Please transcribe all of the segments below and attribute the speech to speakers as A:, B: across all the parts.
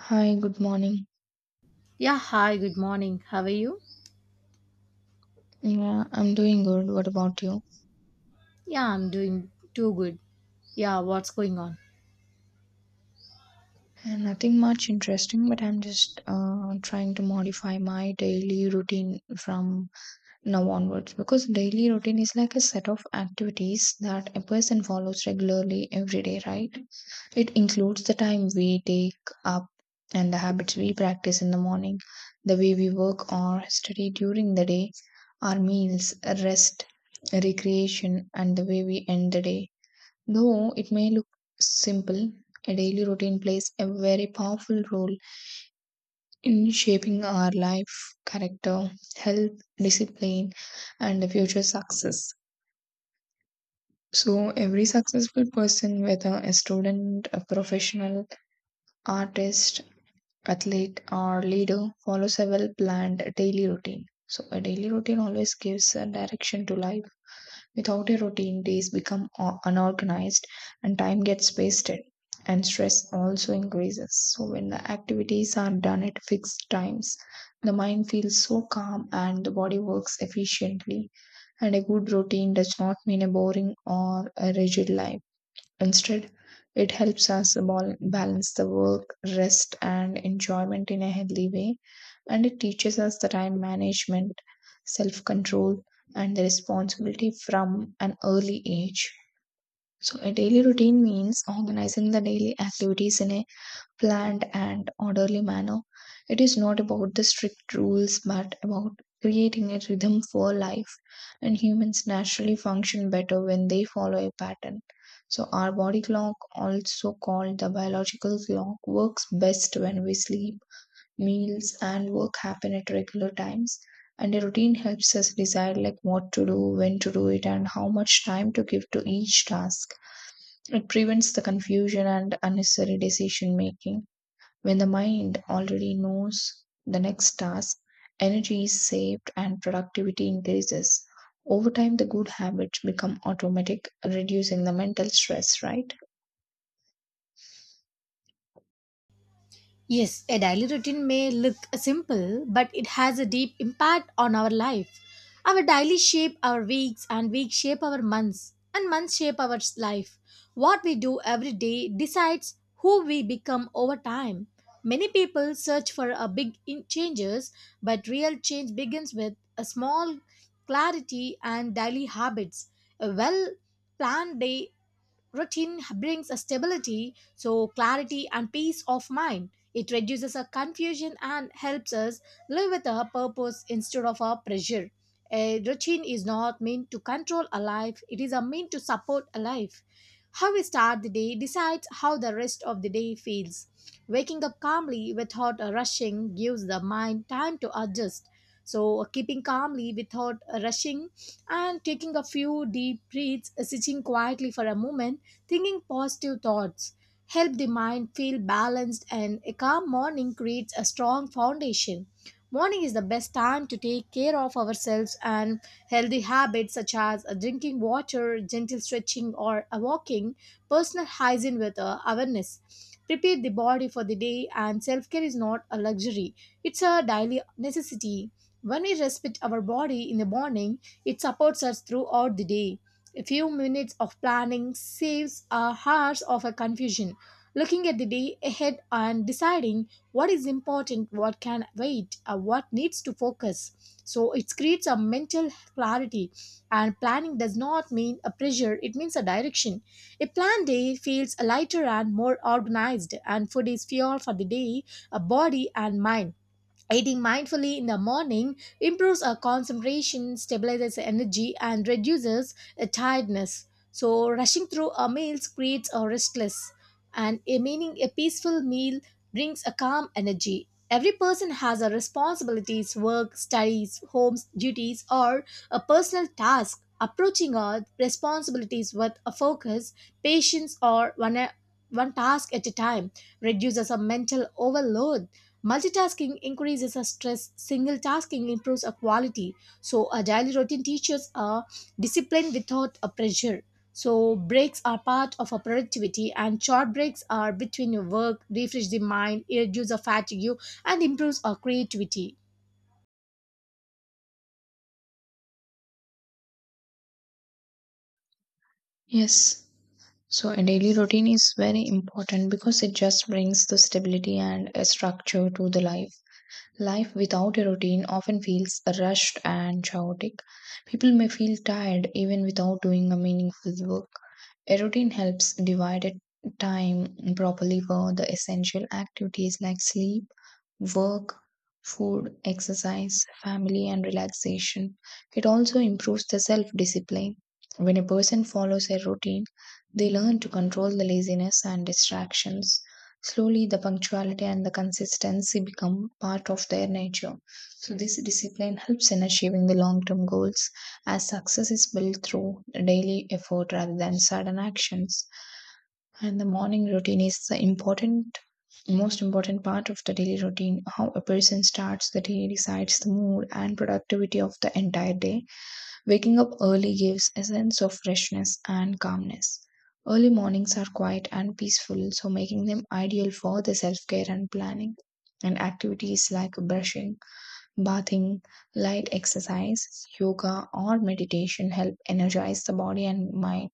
A: Hi, good morning.
B: Yeah, hi, good morning. How are you?
A: Yeah, I'm doing good. What about you?
B: Yeah, I'm doing too good. Yeah, what's going on?
A: Nothing much interesting, but I'm just trying to modify my daily routine from now onwards because daily routine is like a set of activities that a person follows regularly every day, right? It includes the time we take up and the habits we practice in the morning, the way we work or study during the day, our meals, rest, recreation, and the way we end the day. Though it may look simple, a daily routine plays a very powerful role in shaping our life, character, health, discipline, and the future success. So, every successful person, whether a student, a professional, artist, athlete, or leader, follows a well planned daily routine. So, a daily routine always gives a direction to life. Without a routine, days become unorganized and time gets wasted, and stress also increases. So, when the activities are done at fixed times, the mind feels so calm and the body works efficiently. And a good routine does not mean a boring or a rigid life. Instead, it helps us balance the work, rest, and enjoyment in a healthy way. And it teaches us the time management, self control, and the responsibility from an early age. So, a daily routine means organizing the daily activities in a planned and orderly manner. It is not about the strict rules but about creating a rhythm for life, and humans naturally function better when they follow a pattern. So, our body clock, also called the biological clock, works best when we sleep, meals, and work happen at regular times. And a routine helps us decide like what to do, when to do it, and how much time to give to each task. It prevents the confusion and unnecessary decision making. When the mind already knows the next task, energy is saved and productivity increases. Over time, the good habits become automatic, reducing the mental stress, right?
B: Yes, a daily routine may look simple, but it has a deep impact on our life. Our daily shape our weeks, and weeks shape our months, and months shape our life. What we do every day decides who we become over time. Many people search for a changes, but real change begins with a small clarity and daily habits. A well planned day routine brings a stability, so clarity and peace of mind. It reduces our confusion and helps us live with a purpose instead of a pressure. A routine is not meant to control a life, it is a mean to support a life. How we start the day decides how the rest of the day feels. Waking up calmly without rushing gives the mind time to adjust. So, keeping calmly without rushing and taking a few deep breaths, sitting quietly for a moment, thinking positive thoughts help the mind feel balanced and a calm morning creates a strong foundation. Morning is the best time to take care of ourselves and healthy habits such as drinking water, gentle stretching or a walking, personal hygiene with awareness. Prepare the body for the day and self-care is not a luxury. It's a daily necessity. When we respect our body in the morning, it supports us throughout the day. A few minutes of planning saves our hours of a confusion, looking at the day ahead and deciding what is important, what can wait, or what needs to focus. So it creates a mental clarity, and planning does not mean a pressure, it means a direction. A planned day feels lighter and more organized, and food is fuel for the day, a body and mind. Eating mindfully in the morning improves our concentration, stabilizes the energy, and reduces tiredness. So, rushing through our meals creates a restless, and a meaning a peaceful meal brings a calm energy. Every person has a responsibilities, work, studies, homes, duties, or a personal task. Approaching our responsibilities with a focus, patience, or one task at a time reduces a mental overload. Multitasking increases our stress, single tasking improves our quality. So, a daily routine teaches a discipline without a pressure. So, breaks are part of our productivity, and short breaks are between your work, refresh the mind, reduce the fatigue, and improves our creativity.
A: Yes. So a daily routine is very important because it just brings the stability and a structure to the life. Life without a routine often feels rushed and chaotic. People may feel tired even without doing a meaningful work. A routine helps divide time properly for the essential activities like sleep, work, food, exercise, family, and relaxation. It also improves the self discipline. When a person follows a routine, they learn to control the laziness and distractions. Slowly, the punctuality and the consistency become part of their nature. So, this discipline helps in achieving the long term goals as success is built through daily effort rather than sudden actions. And the morning routine is most important part of the daily routine. How a person starts the day decides the mood and productivity of the entire day. Waking up early gives a sense of freshness and calmness. Early mornings are quiet and peaceful, so making them ideal for the self care and planning and activities like brushing, bathing, light exercise, yoga, or meditation help energize the body and mind.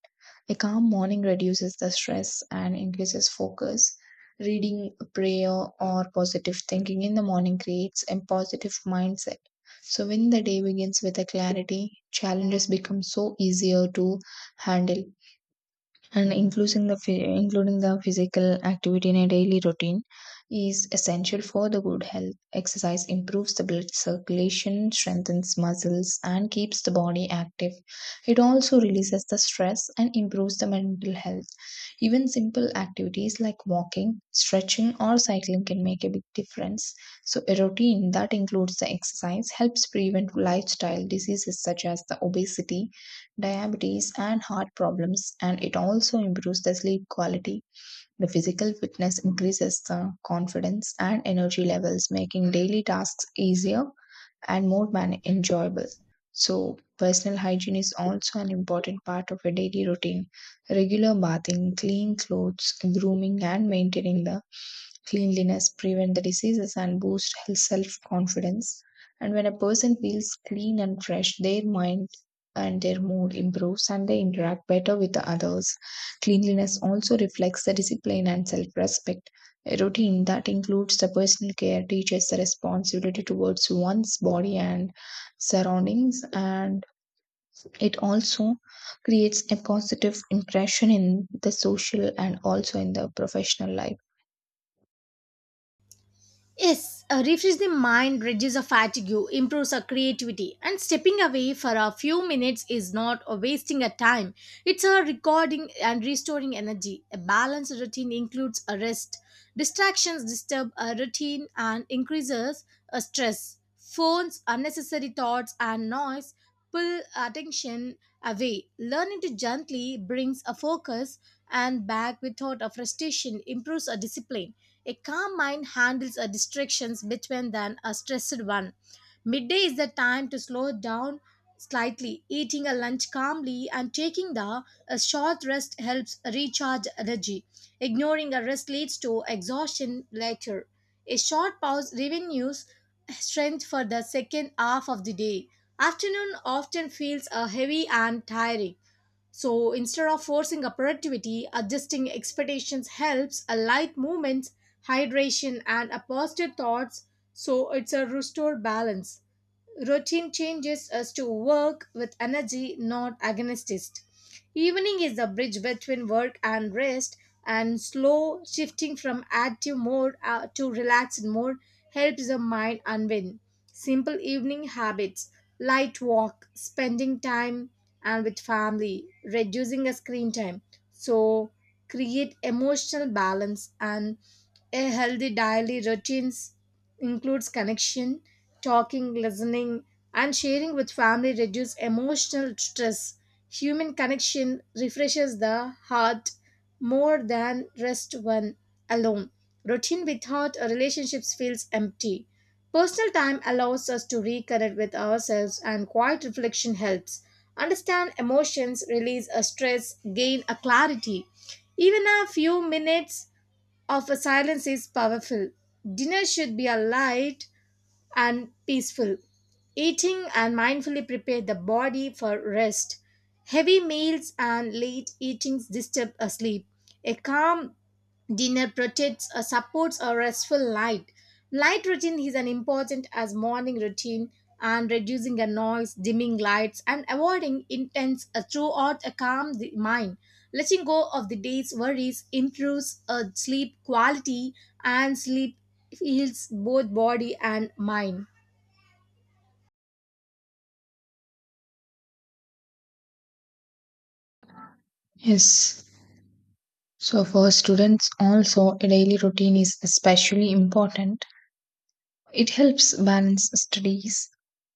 A: A calm morning reduces the stress and increases focus. Reading, prayer, or positive thinking in the morning creates a positive mindset. So, when the day begins with a clarity, challenges become so easier to handle. And including the physical activity in a daily routine is essential for the good health. Exercise improves the blood circulation, strengthens muscles, and keeps the body active. It also releases the stress and improves the mental health. Even simple activities like walking, stretching, or cycling can make a big difference. So a routine that includes the exercise helps prevent lifestyle diseases such as the obesity, diabetes, and heart problems, and it also improves the sleep quality. The physical fitness increases the confidence and energy levels, making daily tasks easier and enjoyable. So, personal hygiene is also an important part of a daily routine. Regular bathing, clean clothes, grooming, and maintaining the cleanliness prevent the diseases and boost self confidence. And when a person feels clean and fresh, their mind and their mood improves and they interact better with the others. Cleanliness also reflects the discipline and self respect. A routine that includes the personal care teaches the responsibility towards one's body and surroundings, and it also creates a positive impression in the social and also in the professional life.
B: Yes, a refresh the mind, reduces a fatigue, improves our creativity, and stepping away for a few minutes is not a wasting a time. It's a recording and restoring energy. A balanced routine includes a rest. Distractions disturb a routine and increases a stress. Phones, unnecessary thoughts, and noise pull attention away. Learning to gently brings a focus and back without a frustration, improves a discipline. A calm mind handles a distractions better than a stressed one. Midday is the time to slow down slightly. Eating a lunch calmly and taking the a short rest helps recharge energy. Ignoring a rest leads to exhaustion later. A short pause revenues strength for the second half of the day. Afternoon often feels heavy and tiring. So instead of forcing productivity, adjusting expectations helps a light movements, hydration, and a positive thoughts. So it's a restore balance. Routine changes us to work with energy, not against it. Evening is the bridge between work and rest, and slow shifting from active mode to relaxed mode helps the mind unwind. Simple evening habits, light walk, spending time and with family, reducing the screen time. So create emotional balance and a healthy daily routines includes connection. Talking, listening, and sharing with family reduce emotional stress. Human connection refreshes the heart more than rest one alone. Routine without relationships feels empty. Personal time allows us to reconnect with ourselves, and quiet reflection helps. Understand emotions, release a stress, gain a clarity. Even a few minutes of a silence is powerful. Dinner should be a light and peaceful. Eating and mindfully prepare the body for rest. Heavy meals and late eatings disturb a sleep. A calm dinner protects or supports a restful light. Light routine is as important as morning routine and reducing a noise, dimming lights, and avoiding intense throughout a calm the mind. Letting go of the day's worries improves sleep quality and sleep heals both body and mind.
A: Yes. So for students also a daily routine is especially important. It helps balance studies,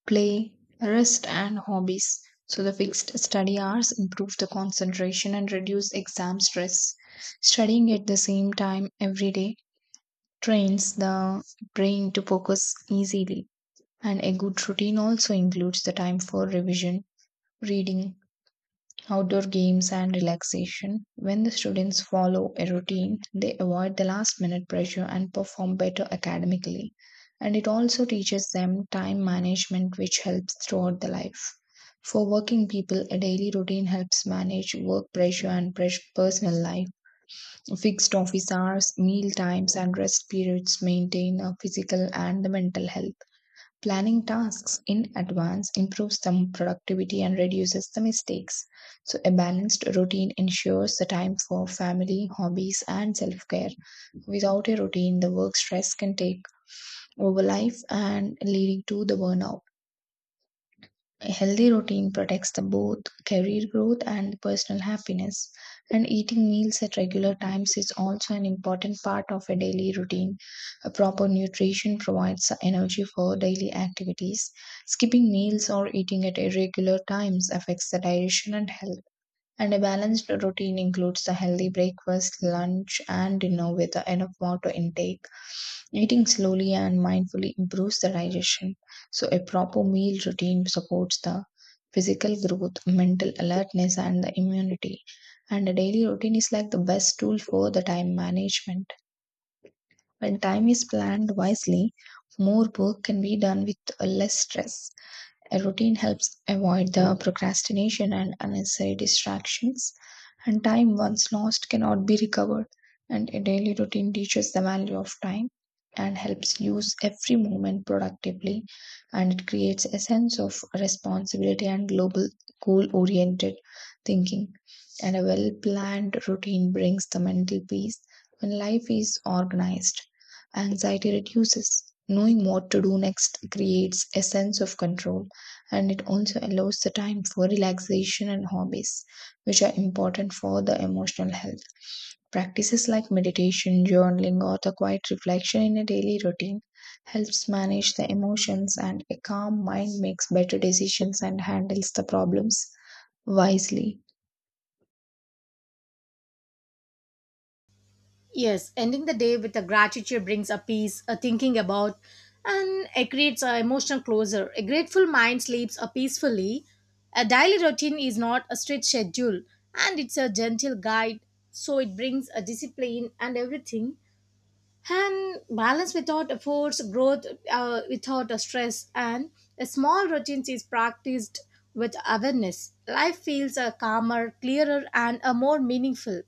A: play, rest, and hobbies. So, the fixed study hours improve the concentration and reduce exam stress. Studying at the same time every day trains the brain to focus easily. And a good routine also includes the time for revision, reading, outdoor games and relaxation. When the students follow a routine, they avoid the last minute pressure and perform better academically. And it also teaches them time management, which helps throughout the life. For working people, a daily routine helps manage work pressure and personal life. Fixed office hours, meal times, and rest periods maintain a physical and the mental health. Planning tasks in advance improves the productivity and reduces the mistakes. So, a balanced routine ensures the time for family, hobbies, and self care. Without a routine, the work stress can take over life and leading to the burnout. A healthy routine protects the both career growth and personal happiness. And eating meals at regular times is also an important part of a daily routine. A proper nutrition provides the energy for daily activities. Skipping meals or eating at irregular times affects the digestion and health. And a balanced routine includes a healthy breakfast, lunch, and dinner with enough water intake. Eating slowly and mindfully improves the digestion. So, a proper meal routine supports the physical growth, mental alertness, and the immunity. And a daily routine is like the best tool for the time management. When time is planned wisely, more work can be done with less stress. A routine helps avoid the procrastination and unnecessary distractions, and time once lost cannot be recovered. And a daily routine teaches the value of time and helps use every moment productively, and it creates a sense of responsibility and global goal oriented thinking. And a well planned routine brings the mental peace when life is organized. Anxiety reduces. Knowing what to do next creates a sense of control and it also allows the time for relaxation and hobbies, which are important for the emotional health. Practices like meditation, journaling, or the quiet reflection in a daily routine helps manage the emotions, and a calm mind makes better decisions and handles the problems wisely.
B: Yes, ending the day with a gratitude brings a peace, a thinking about, and it creates an emotional closure. A grateful mind sleeps a peacefully. A daily routine is not a strict schedule, and it's a gentle guide, so it brings a discipline and everything. And balance without a force, growth without a stress, and a small routine is practiced with awareness. Life feels a calmer, clearer, and a more meaningful.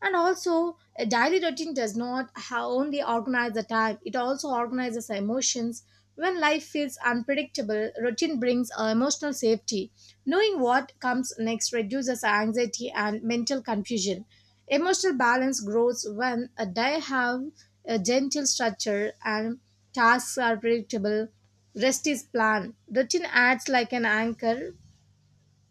B: And also a daily routine does not ha- only organize the time, it also organizes the emotions. When life feels unpredictable, routine brings emotional safety. Knowing what comes next reduces anxiety and mental confusion. Emotional balance grows when a day have a gentle structure and tasks are predictable, rest is planned. Routine acts like an anchor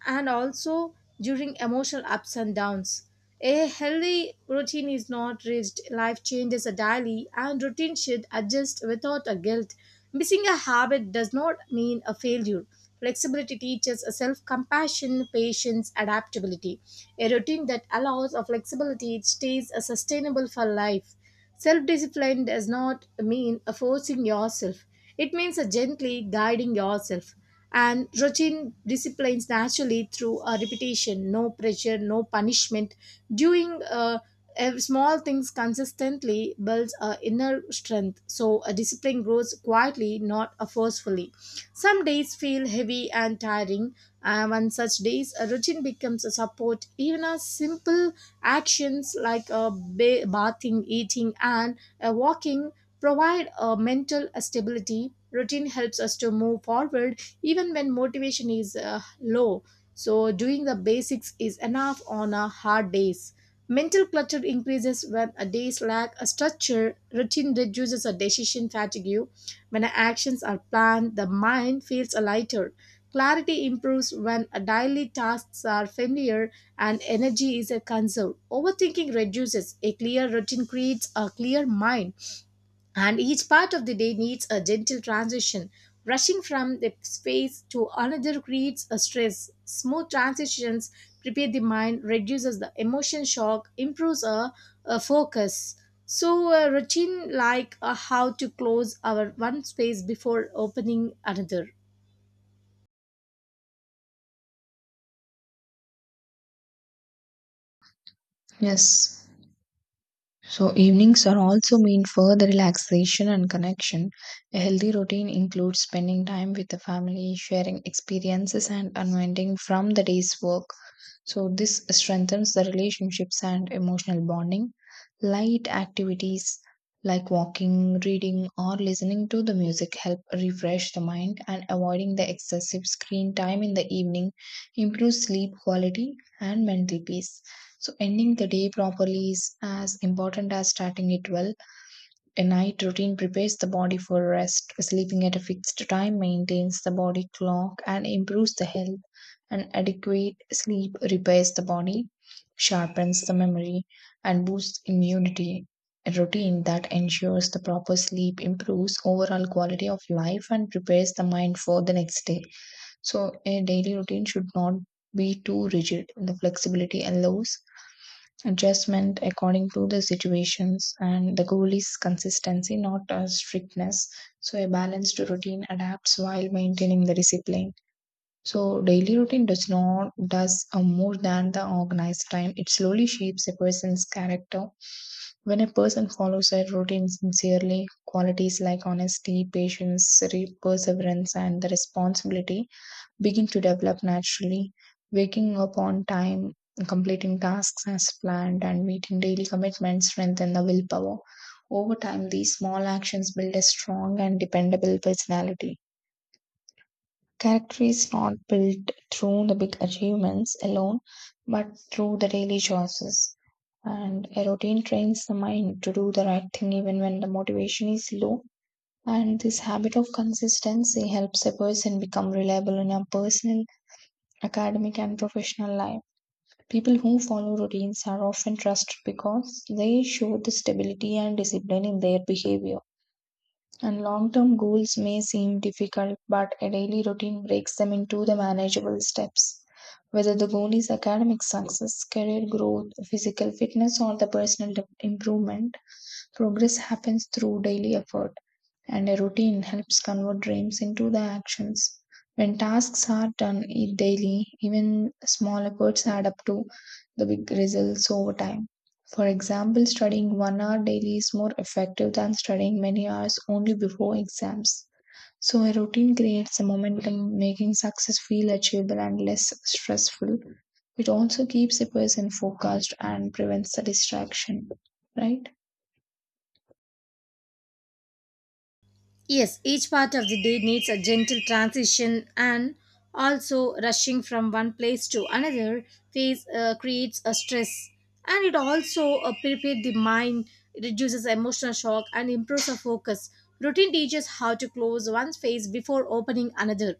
B: and also during emotional ups and downs. A healthy routine is not rigid. Life changes are daily, and routine should adjust without a guilt. Missing a habit does not mean a failure. Flexibility teaches a self-compassion, patience, adaptability. A routine that allows a flexibility stays a sustainable for life. Self discipline does not mean a forcing yourself, it means a gently guiding yourself. And routine disciplines naturally through a repetition, no pressure, no punishment. Doing small things consistently builds our inner strength. So a discipline grows quietly, not forcefully. Some days feel heavy and tiring, and on such days, a routine becomes a support. Even a simple actions like a bathing, eating, and a walking provide a mental stability. Routine helps us to move forward even when motivation is low. So, doing the basics is enough on a hard days. Mental clutter increases when a day's lack a structure. Routine reduces a decision fatigue. When actions are planned, the mind feels lighter. Clarity improves when daily tasks are familiar and energy is a conserved. Overthinking reduces. A clear routine creates a clear mind, and each part of the day needs a gentle transition. Rushing from the space to another creates a stress. Smooth transitions prepare the mind, reduces the emotion shock, improves a focus. So, a routine like how to close our one space before opening another.
A: Yes. So, evenings are also mean for the relaxation and connection. A healthy routine includes spending time with the family, sharing experiences, and unwinding from the day's work. So, this strengthens the relationships and emotional bonding. Light activities like walking, reading, or listening to the music help refresh the mind, and avoiding the excessive screen time in the evening improves sleep quality and mental peace. So, ending the day properly is as important as starting it well. A night routine prepares the body for rest. Sleeping at a fixed time maintains the body clock and improves the health. An adequate sleep repairs the body, sharpens the memory, and boosts immunity. A routine that ensures the proper sleep improves overall quality of life and prepares the mind for the next day. So, a daily routine should not be too rigid. The flexibility allows adjustment according to the situations, and the goal is consistency, not strictness. So a balanced routine adapts while maintaining the discipline. So daily routine does not does more than the organized time. It slowly shapes a person's character. When a person follows a routine sincerely, qualities like honesty, patience, perseverance, and the responsibility begin to develop naturally. Waking up on time, completing tasks as planned, and meeting daily commitments strengthen the willpower. Over time, these small actions build a strong and dependable personality. Character is not built through the big achievements alone, but through the daily choices. And a routine trains the mind to do the right thing even when the motivation is low. And this habit of consistency helps a person become reliable in a personal, academic, and professional life. People who follow routines are often trusted because they show the stability and discipline in their behavior. And long term goals may seem difficult, but a daily routine breaks them into the manageable steps. Whether the goal is academic success, career growth, physical fitness, or the improvement, progress happens through daily effort, and a routine helps convert dreams into the actions. When tasks are done daily, even small efforts add up to the big results over time. For example, studying 1 hour daily is more effective than studying many hours only before exams. So, a routine creates a momentum, making success feel achievable and less stressful. It also keeps a person focused and prevents the distraction, right?
B: Yes, each part of the day needs a gentle transition, and also rushing from one place to another phase creates a stress, and it also prepares the mind, it reduces emotional shock, and improves the focus. Routine teaches how to close one phase before opening another,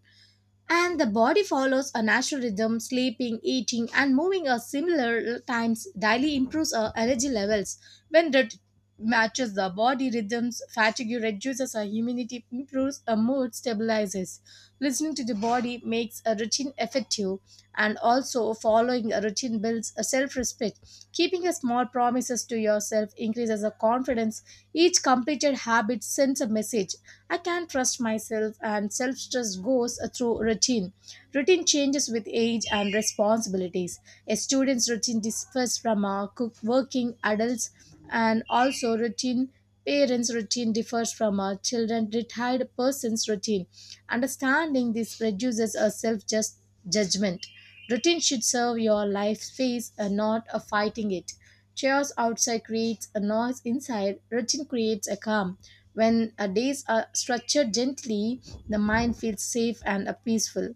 B: and the body follows a natural rhythm. Sleeping, eating, and moving at similar times daily improves our energy levels. When that matches the body rhythms, fatigue reduces our immunity, improves our mood, stabilizes. Listening to the body makes a routine effective, and also following a routine builds a self respect. Keeping a small promises to yourself increases the confidence. Each completed habit sends a message, I can not trust myself, and self trust goes through routine. Routine changes with age and responsibilities. A student's routine differs from a cook working adults, and also routine parents' routine differs from a children retired person's routine. Understanding this reduces a self judgment. Routine should serve your life phase and not a fighting it. Chaos outside creates a noise inside, routine creates a calm. When our days are structured gently, the mind feels safe and peaceful.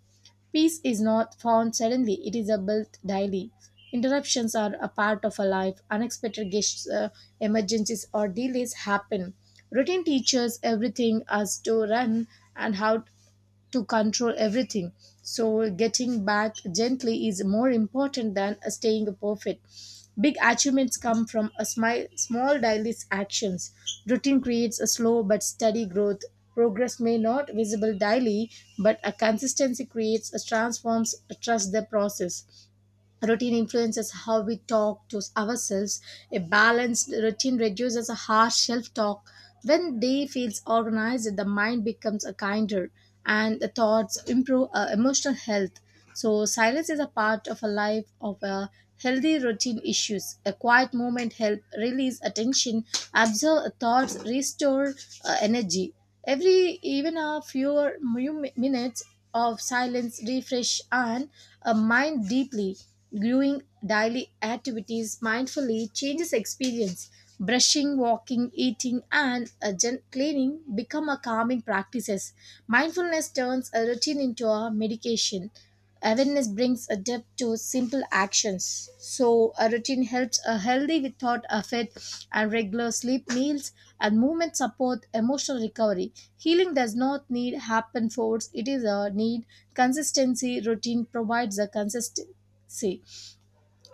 B: Peace is not found suddenly, it is a built daily. Interruptions are a part of our life, unexpected guests, emergencies, or delays happen. Routine teaches everything us to run and how to control everything. So, getting back gently is more important than staying perfect. Big achievements come from a small daily actions. Routine creates a slow but steady growth. Progress may not visible daily, but a consistency creates a transforms trust the process. Routine influences how we talk to ourselves. A balanced routine reduces harsh self talk. When day feels organized, the mind becomes a kinder and the thoughts improve emotional health. So, silence is a part of a life of a healthy routine issues. A quiet moment help release attention, absorb thoughts, restore energy. Every even a few minutes of silence refresh and a mind deeply viewing daily activities mindfully changes experience. Brushing, walking, eating, and a cleaning become a calming practices. Mindfulness turns a routine into a medication. Awareness brings a depth to simple actions. So, a routine helps a healthy without effort, and regular sleep, meals, and movement support emotional recovery. Healing does not need happen force, it is a need. Consistency routine provides a consistency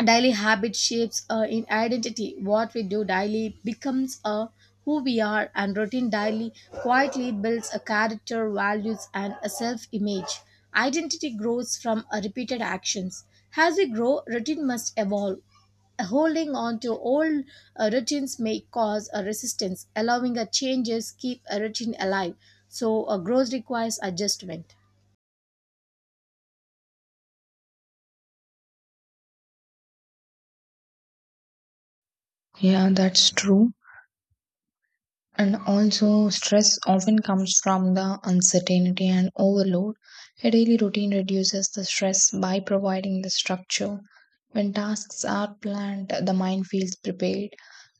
B: daily habit shapes in identity. What we do daily becomes who we are, and routine daily quietly builds a character values and a self-image. Identity grows from repeated actions. As we grow routine must evolve, holding on to old routines may cause a resistance, allowing a changes keep a routine alive, so a growth requires adjustment.
A: Yeah, that's true. And also, stress often comes from the uncertainty and overload. A daily routine reduces the stress by providing the structure. When tasks are planned, the mind feels prepared,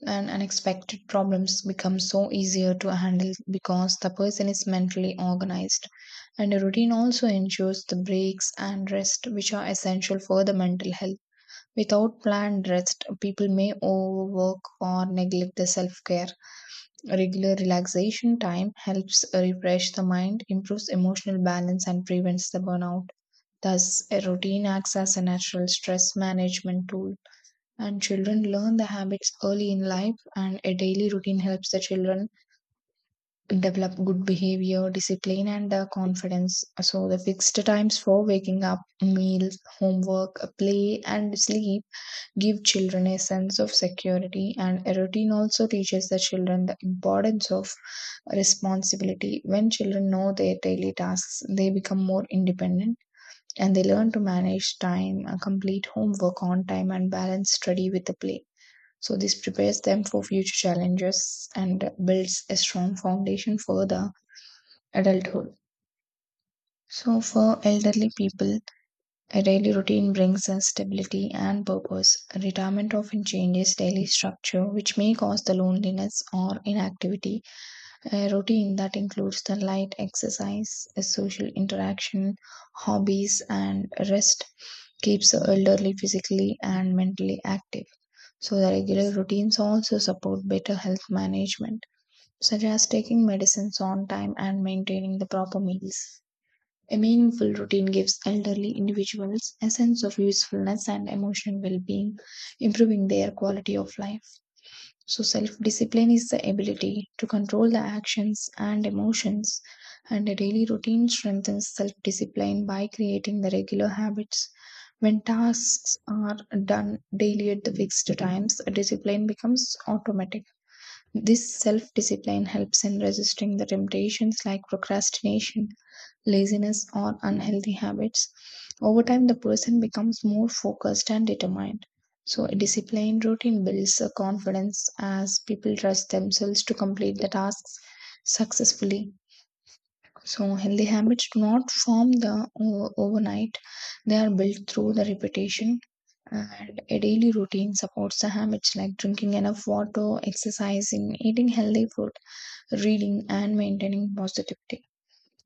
A: and unexpected problems become so easier to handle because the person is mentally organized. And a routine also ensures the breaks and rest, which are essential for the mental health. Without planned rest, people may overwork or neglect the self care. Regular relaxation time helps refresh the mind, improves emotional balance, and prevents the burnout. Thus, a routine acts as a natural stress management tool. And children learn the habits early in life, and a daily routine helps the children develop good behavior, discipline, and confidence. So, the fixed times for waking up, meals, homework, play, and sleep give children a sense of security, and a routine also teaches the children the importance of responsibility. When children know their daily tasks, they become more independent, and they learn to manage time, complete homework on time, and balance study with the play. So this prepares them for future challenges and builds a strong foundation for the adulthood. So for elderly people, a daily routine brings us stability and purpose. Retirement often changes daily structure, which may cause the loneliness or inactivity. A routine that includes the light exercise, a social interaction, hobbies, and rest keeps the elderly physically and mentally active. So, the regular routines also support better health management, such as taking medicines on time and maintaining the proper meals. A meaningful routine gives elderly individuals a sense of usefulness and emotional well being, improving their quality of life. So, self discipline is the ability to control the actions and emotions, and a daily routine strengthens self discipline by creating the regular habits. When tasks are done daily at the fixed times, discipline becomes automatic. This self discipline helps in resisting the temptations like procrastination, laziness, or unhealthy habits. Over time, the person becomes more focused and determined. So, a disciplined routine builds a confidence as people trust themselves to complete the tasks successfully. So, healthy habits do not form overnight; they are built through the repetition. And a daily routine supports the habits like drinking enough water, exercising, eating healthy food, reading, and maintaining positivity.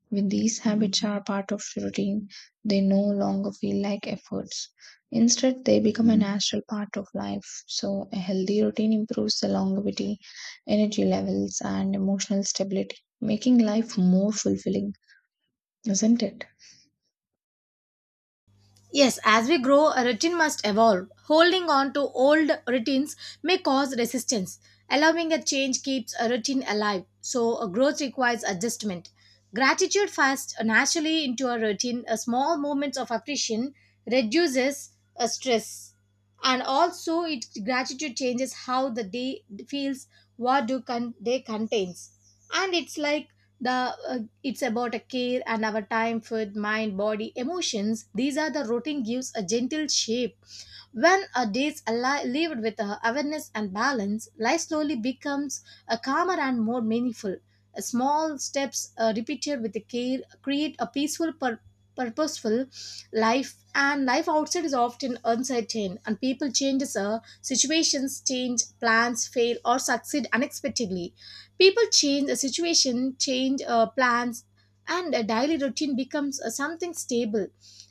A: When these habits are part of routine, they no longer feel like efforts. Instead, they become a natural part of life. So, a healthy routine improves the longevity, energy levels, and emotional stability, making life more fulfilling, isn't it?
B: Yes, as we grow, a routine must evolve. Holding on to old routines may cause resistance. Allowing a change keeps a routine alive, so a growth requires adjustment. Gratitude fast naturally into a routine. A small moments of appreciation reduces a stress, and also it gratitude changes how the day feels, what day contains, and it's like the it's about a care and our time food mind body emotions these are the routine gives a gentle shape. When a day's lived with awareness and balance, life slowly becomes a calmer and more meaningful. Small steps repeated with the care create a peaceful purposeful life. And life outside is often uncertain and people changes situations change plans fail or succeed unexpectedly. People change, a situation change, plans, and a daily routine becomes something stable.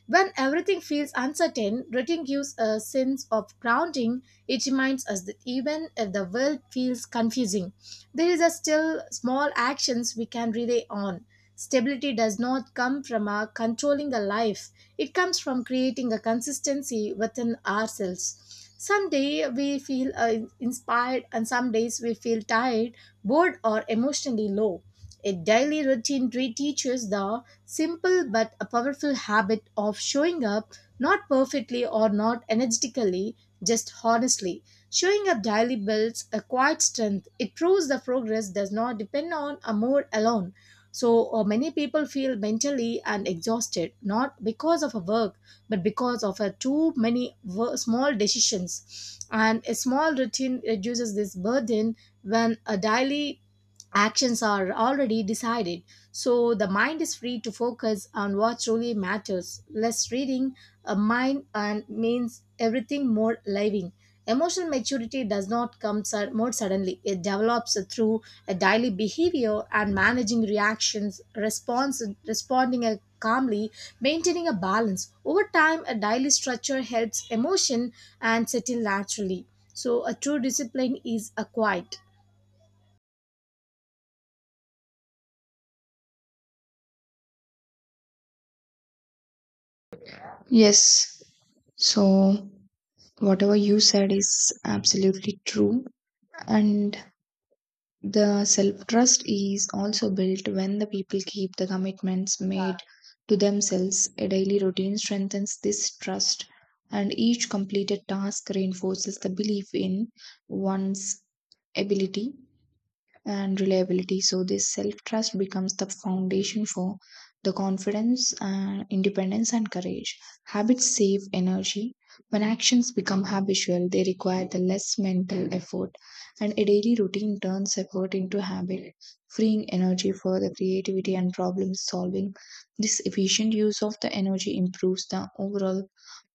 B: When everything feels uncertain, routine gives a sense of grounding. It reminds us that even if the world feels confusing, there is a still small actions we can rely on. Stability does not come from our controlling a life. It comes from creating a consistency within ourselves. Some day we feel inspired and some days we feel tired, bored or emotionally low. A daily routine reteaches the simple but a powerful habit of showing up, not perfectly or not energetically, just honestly. Showing up daily builds a quiet strength. It proves the progress does not depend on a mood alone. So many people feel mentally and exhausted not because of a work but because of a too many small decisions. And a small routine reduces this burden when a daily actions are already decided, so the mind is free to focus on what truly matters. Less reading a mind and means everything more living. Emotional maturity does not come more suddenly. It develops through a daily behavior and managing reactions, response, responding calmly, maintaining a balance. Over time, a daily structure helps emotion and settle naturally. So, a true discipline is acquired.
A: Yes. So, whatever you said is absolutely true. And the self trust is also built when the people keep the commitments made to themselves. A daily routine strengthens this trust, and each completed task reinforces the belief in one's ability and reliability. So this self-trust becomes the foundation for the confidence and independence and courage. Habits save energy. When actions become habitual, they require the less mental effort, and a daily routine turns effort into habit, freeing energy for the creativity and problem solving. This efficient use of the energy improves the overall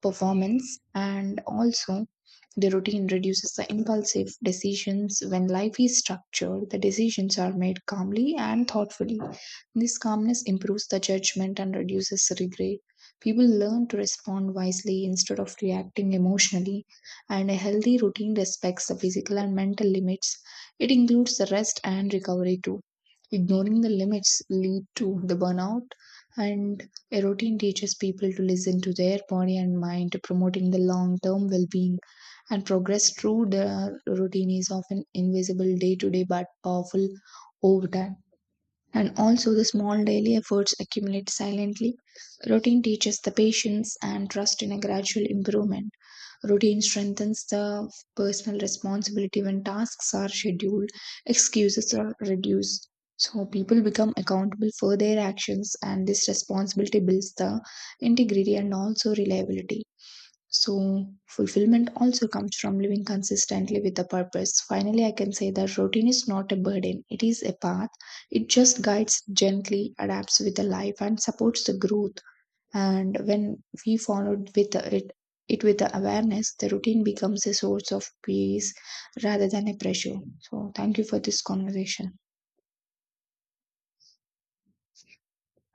A: performance. And also, the routine reduces the impulsive decisions. When life is structured, the decisions are made calmly and thoughtfully. This calmness improves the judgment and reduces regret. People learn to respond wisely instead of reacting emotionally, and a healthy routine respects the physical and mental limits. It includes the rest and recovery too. Ignoring the limits lead to the burnout, and a routine teaches people to listen to their body and mind, promoting the long term well being. And progress through the routine is often invisible day to day, but powerful over time. And also, the small daily efforts accumulate silently. Routine teaches the patience and trust in a gradual improvement. Routine strengthens the personal responsibility. When tasks are scheduled, excuses are reduced. So, people become accountable for their actions, and this responsibility builds the integrity and also reliability. So, fulfillment also comes from living consistently with a purpose. Finally, I can say that routine is not a burden, it is a path. It just guides gently, adapts with the life, and supports the growth. And when we follow it with the awareness, the routine becomes a source of peace rather than a pressure. So, thank you for this conversation.